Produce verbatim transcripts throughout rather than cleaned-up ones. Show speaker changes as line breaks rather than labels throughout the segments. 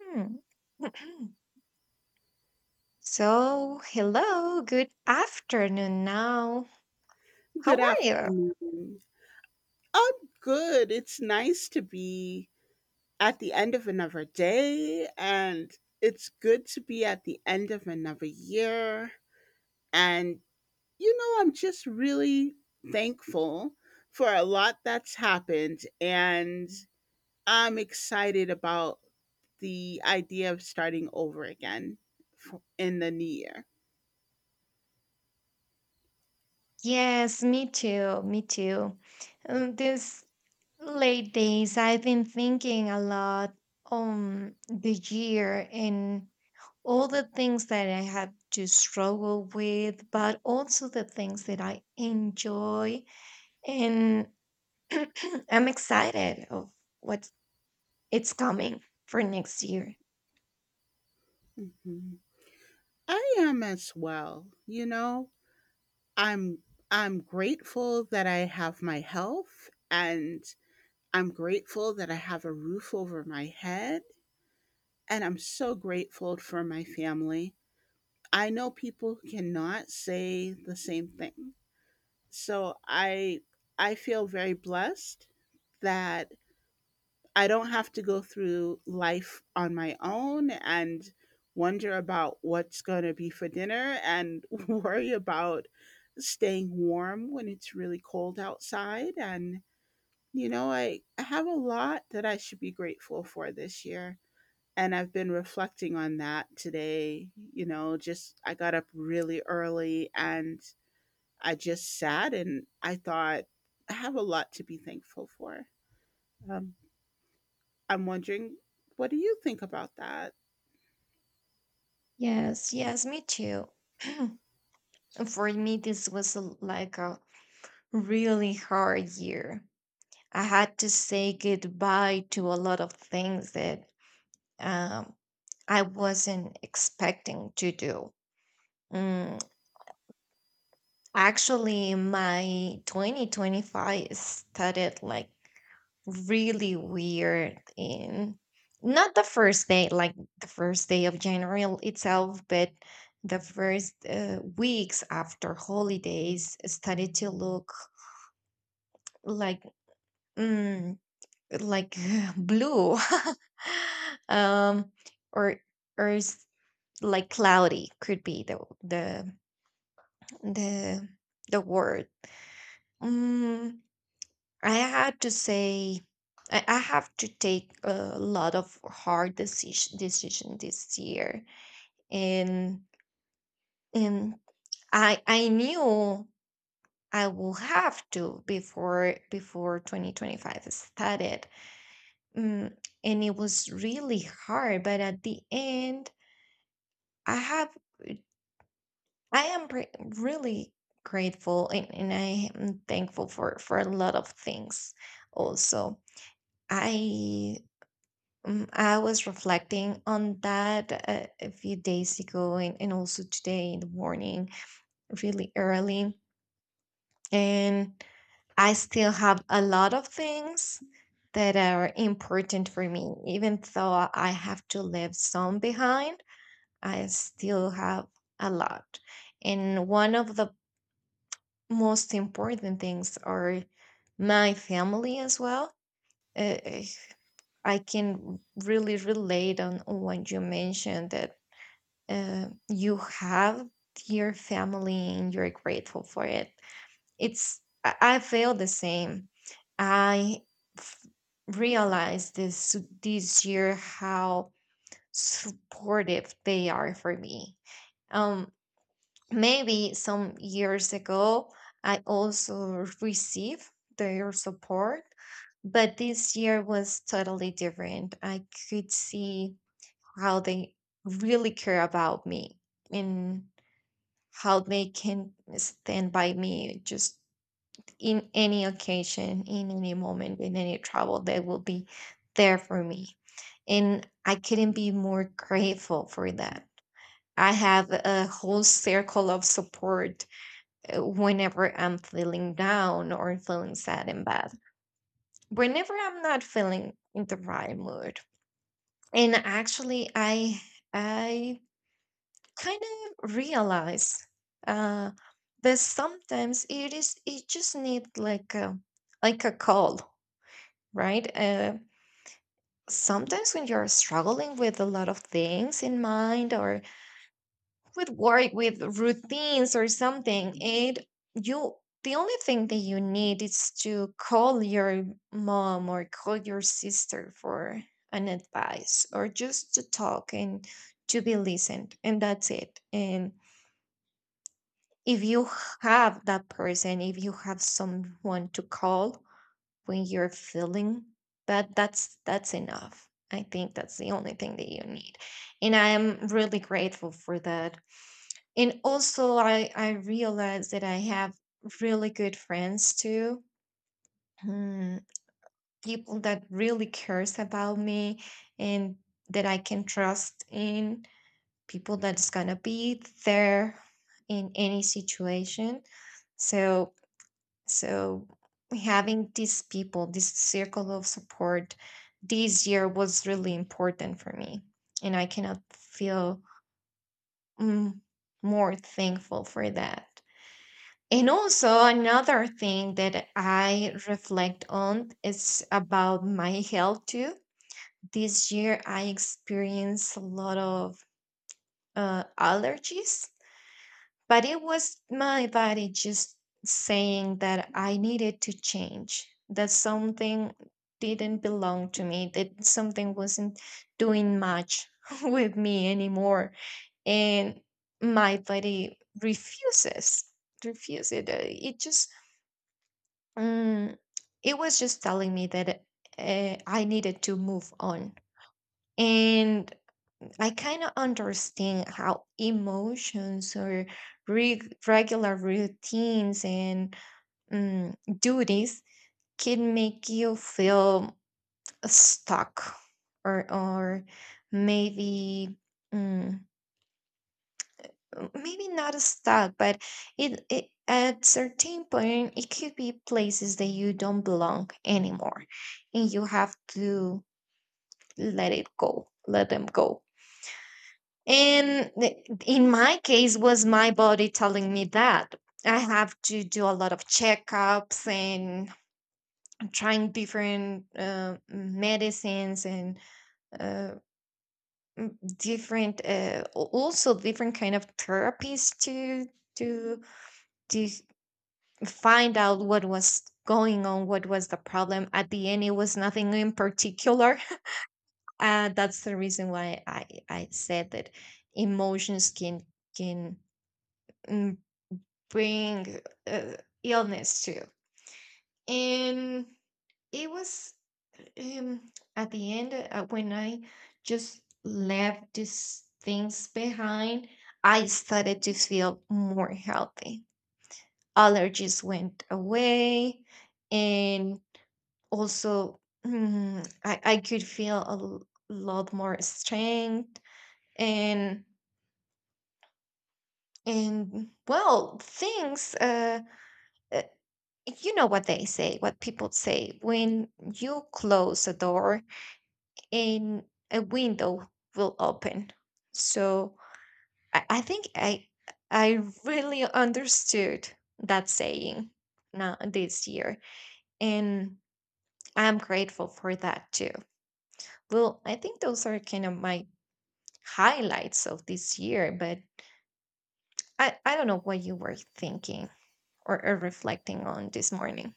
Hmm. So, hello, good afternoon now. How
Good
are you?
afternoon. I'm good. It's nice to be at the end of another day, and it's good to be at the end of another year. And, you know, I'm just really thankful for a lot that's happened, and I'm excited about the idea of starting over again f- in the new year.
Yes, me too, me too. Um, these late days, I've been thinking a lot on the year and all the things that I had to struggle with, but also the things that I enjoy. And I'm excited of what it's coming for next year.
Mhm. I am as well, you know. I'm I'm grateful that I have my health and I'm grateful that I have a roof over my head and I'm so grateful for my family. I know people cannot say the same thing. So I I feel very blessed that I don't have to go through life on my own and wonder about what's going to be for dinner and worry about staying warm when it's really cold outside. And, you know, I, I have a lot that I should be grateful for this year. And I've been reflecting on that today. You know, just I got up really early and I just sat and I thought, I have a lot to be thankful for. Um, I'm wondering, what do you think about that?
Yes, yes, me too. For me, this was a, like a really hard year. I had to say goodbye to a lot of things that um, I wasn't expecting to do. Mm, actually, my twenty twenty-five started like really weird, and not the first day, like the first day of January itself, but the first uh, weeks after holidays started to look like, mm, like blue, um or or s- like cloudy could be the the the the word. Mm, I had to say, I, I have to take a lot of hard decision decision this year, and and I I knew I will have to before before twenty twenty-five started, mm, and it was really hard. But at the end, I have I am pre- really grateful, and, and I am thankful for for a lot of things. Also, I Mm, I was reflecting on that uh, a few days ago, and, and also today in the morning, really early. And I still have a lot of things that are important for me. Even though I have to leave some behind, I still have a lot. And one of the most important things are my family as well. Uh, I can really relate on on what you mentioned, that uh, you have your family and you're grateful for it. It's, I, I feel the same. I f- realized this this year how supportive they are for me. Um, Maybe some years ago I also received their support, but this year was totally different. I could see how they really care about me and how they can stand by me just in any occasion, in any moment, in any trouble, they will be there for me. And I couldn't be more grateful for that. I have a whole circle of support uh, whenever I'm feeling down or feeling sad and bad, whenever I'm not feeling in the right mood. And actually, I I kind of realize uh, that sometimes it is, it just need like a, like a call, right? Uh, sometimes when you're struggling with a lot of things in mind, or with work, with routines or something, it, you, the only thing that you need is to call your mom or call your sister for an advice, or just to talk and to be listened, and that's it. And if you have that person, if you have someone to call when you're feeling bad, that's that's enough. I think that's the only thing that you need. And I am really grateful for that. And also, I I realize that I have really good friends too. Hmm, people that really cares about me, and that I can trust in, people that's going to be there in any situation. So So having these people, this circle of support this year was really important for me. And I cannot feel, mm, more thankful for that. And also, another thing that I reflect on is about my health too. This year, I experienced a lot of uh, allergies. But it was my body just saying that I needed to change, that something didn't belong to me, that something wasn't doing much with me anymore. And my body refuses, refuses it. uh, It just, mm, it was just telling me that uh, I needed to move on. And I kind of understand how emotions or reg- regular routines and mm, duties can make you feel stuck, or or maybe, mm, maybe not stuck, but it, it at certain point it could be places that you don't belong anymore, and you have to let it go, let them go. And th- in my case, was my body telling me that I have to do a lot of checkups and trying different uh, medicines and uh, different, uh, al- also different kind of therapies to to to find out what was going on, what was the problem. At the end, it was nothing in particular. Uh, that's the reason why I I said that emotions can, can mm, bring uh, illness to. And it was, um, at the end uh, when I just left these things behind, I started to feel more healthy. Allergies went away, and also, mm, I, I could feel a l- lot more strength and and well things. Uh, uh, you know what they say, what people say, when you close a door and a window will open. So I, I think I I really understood that saying now this year. And I'm grateful for that too. Well, I think those are kind of my highlights of this year, but I, I don't know what you were thinking or, or reflecting on this morning.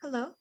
Hello.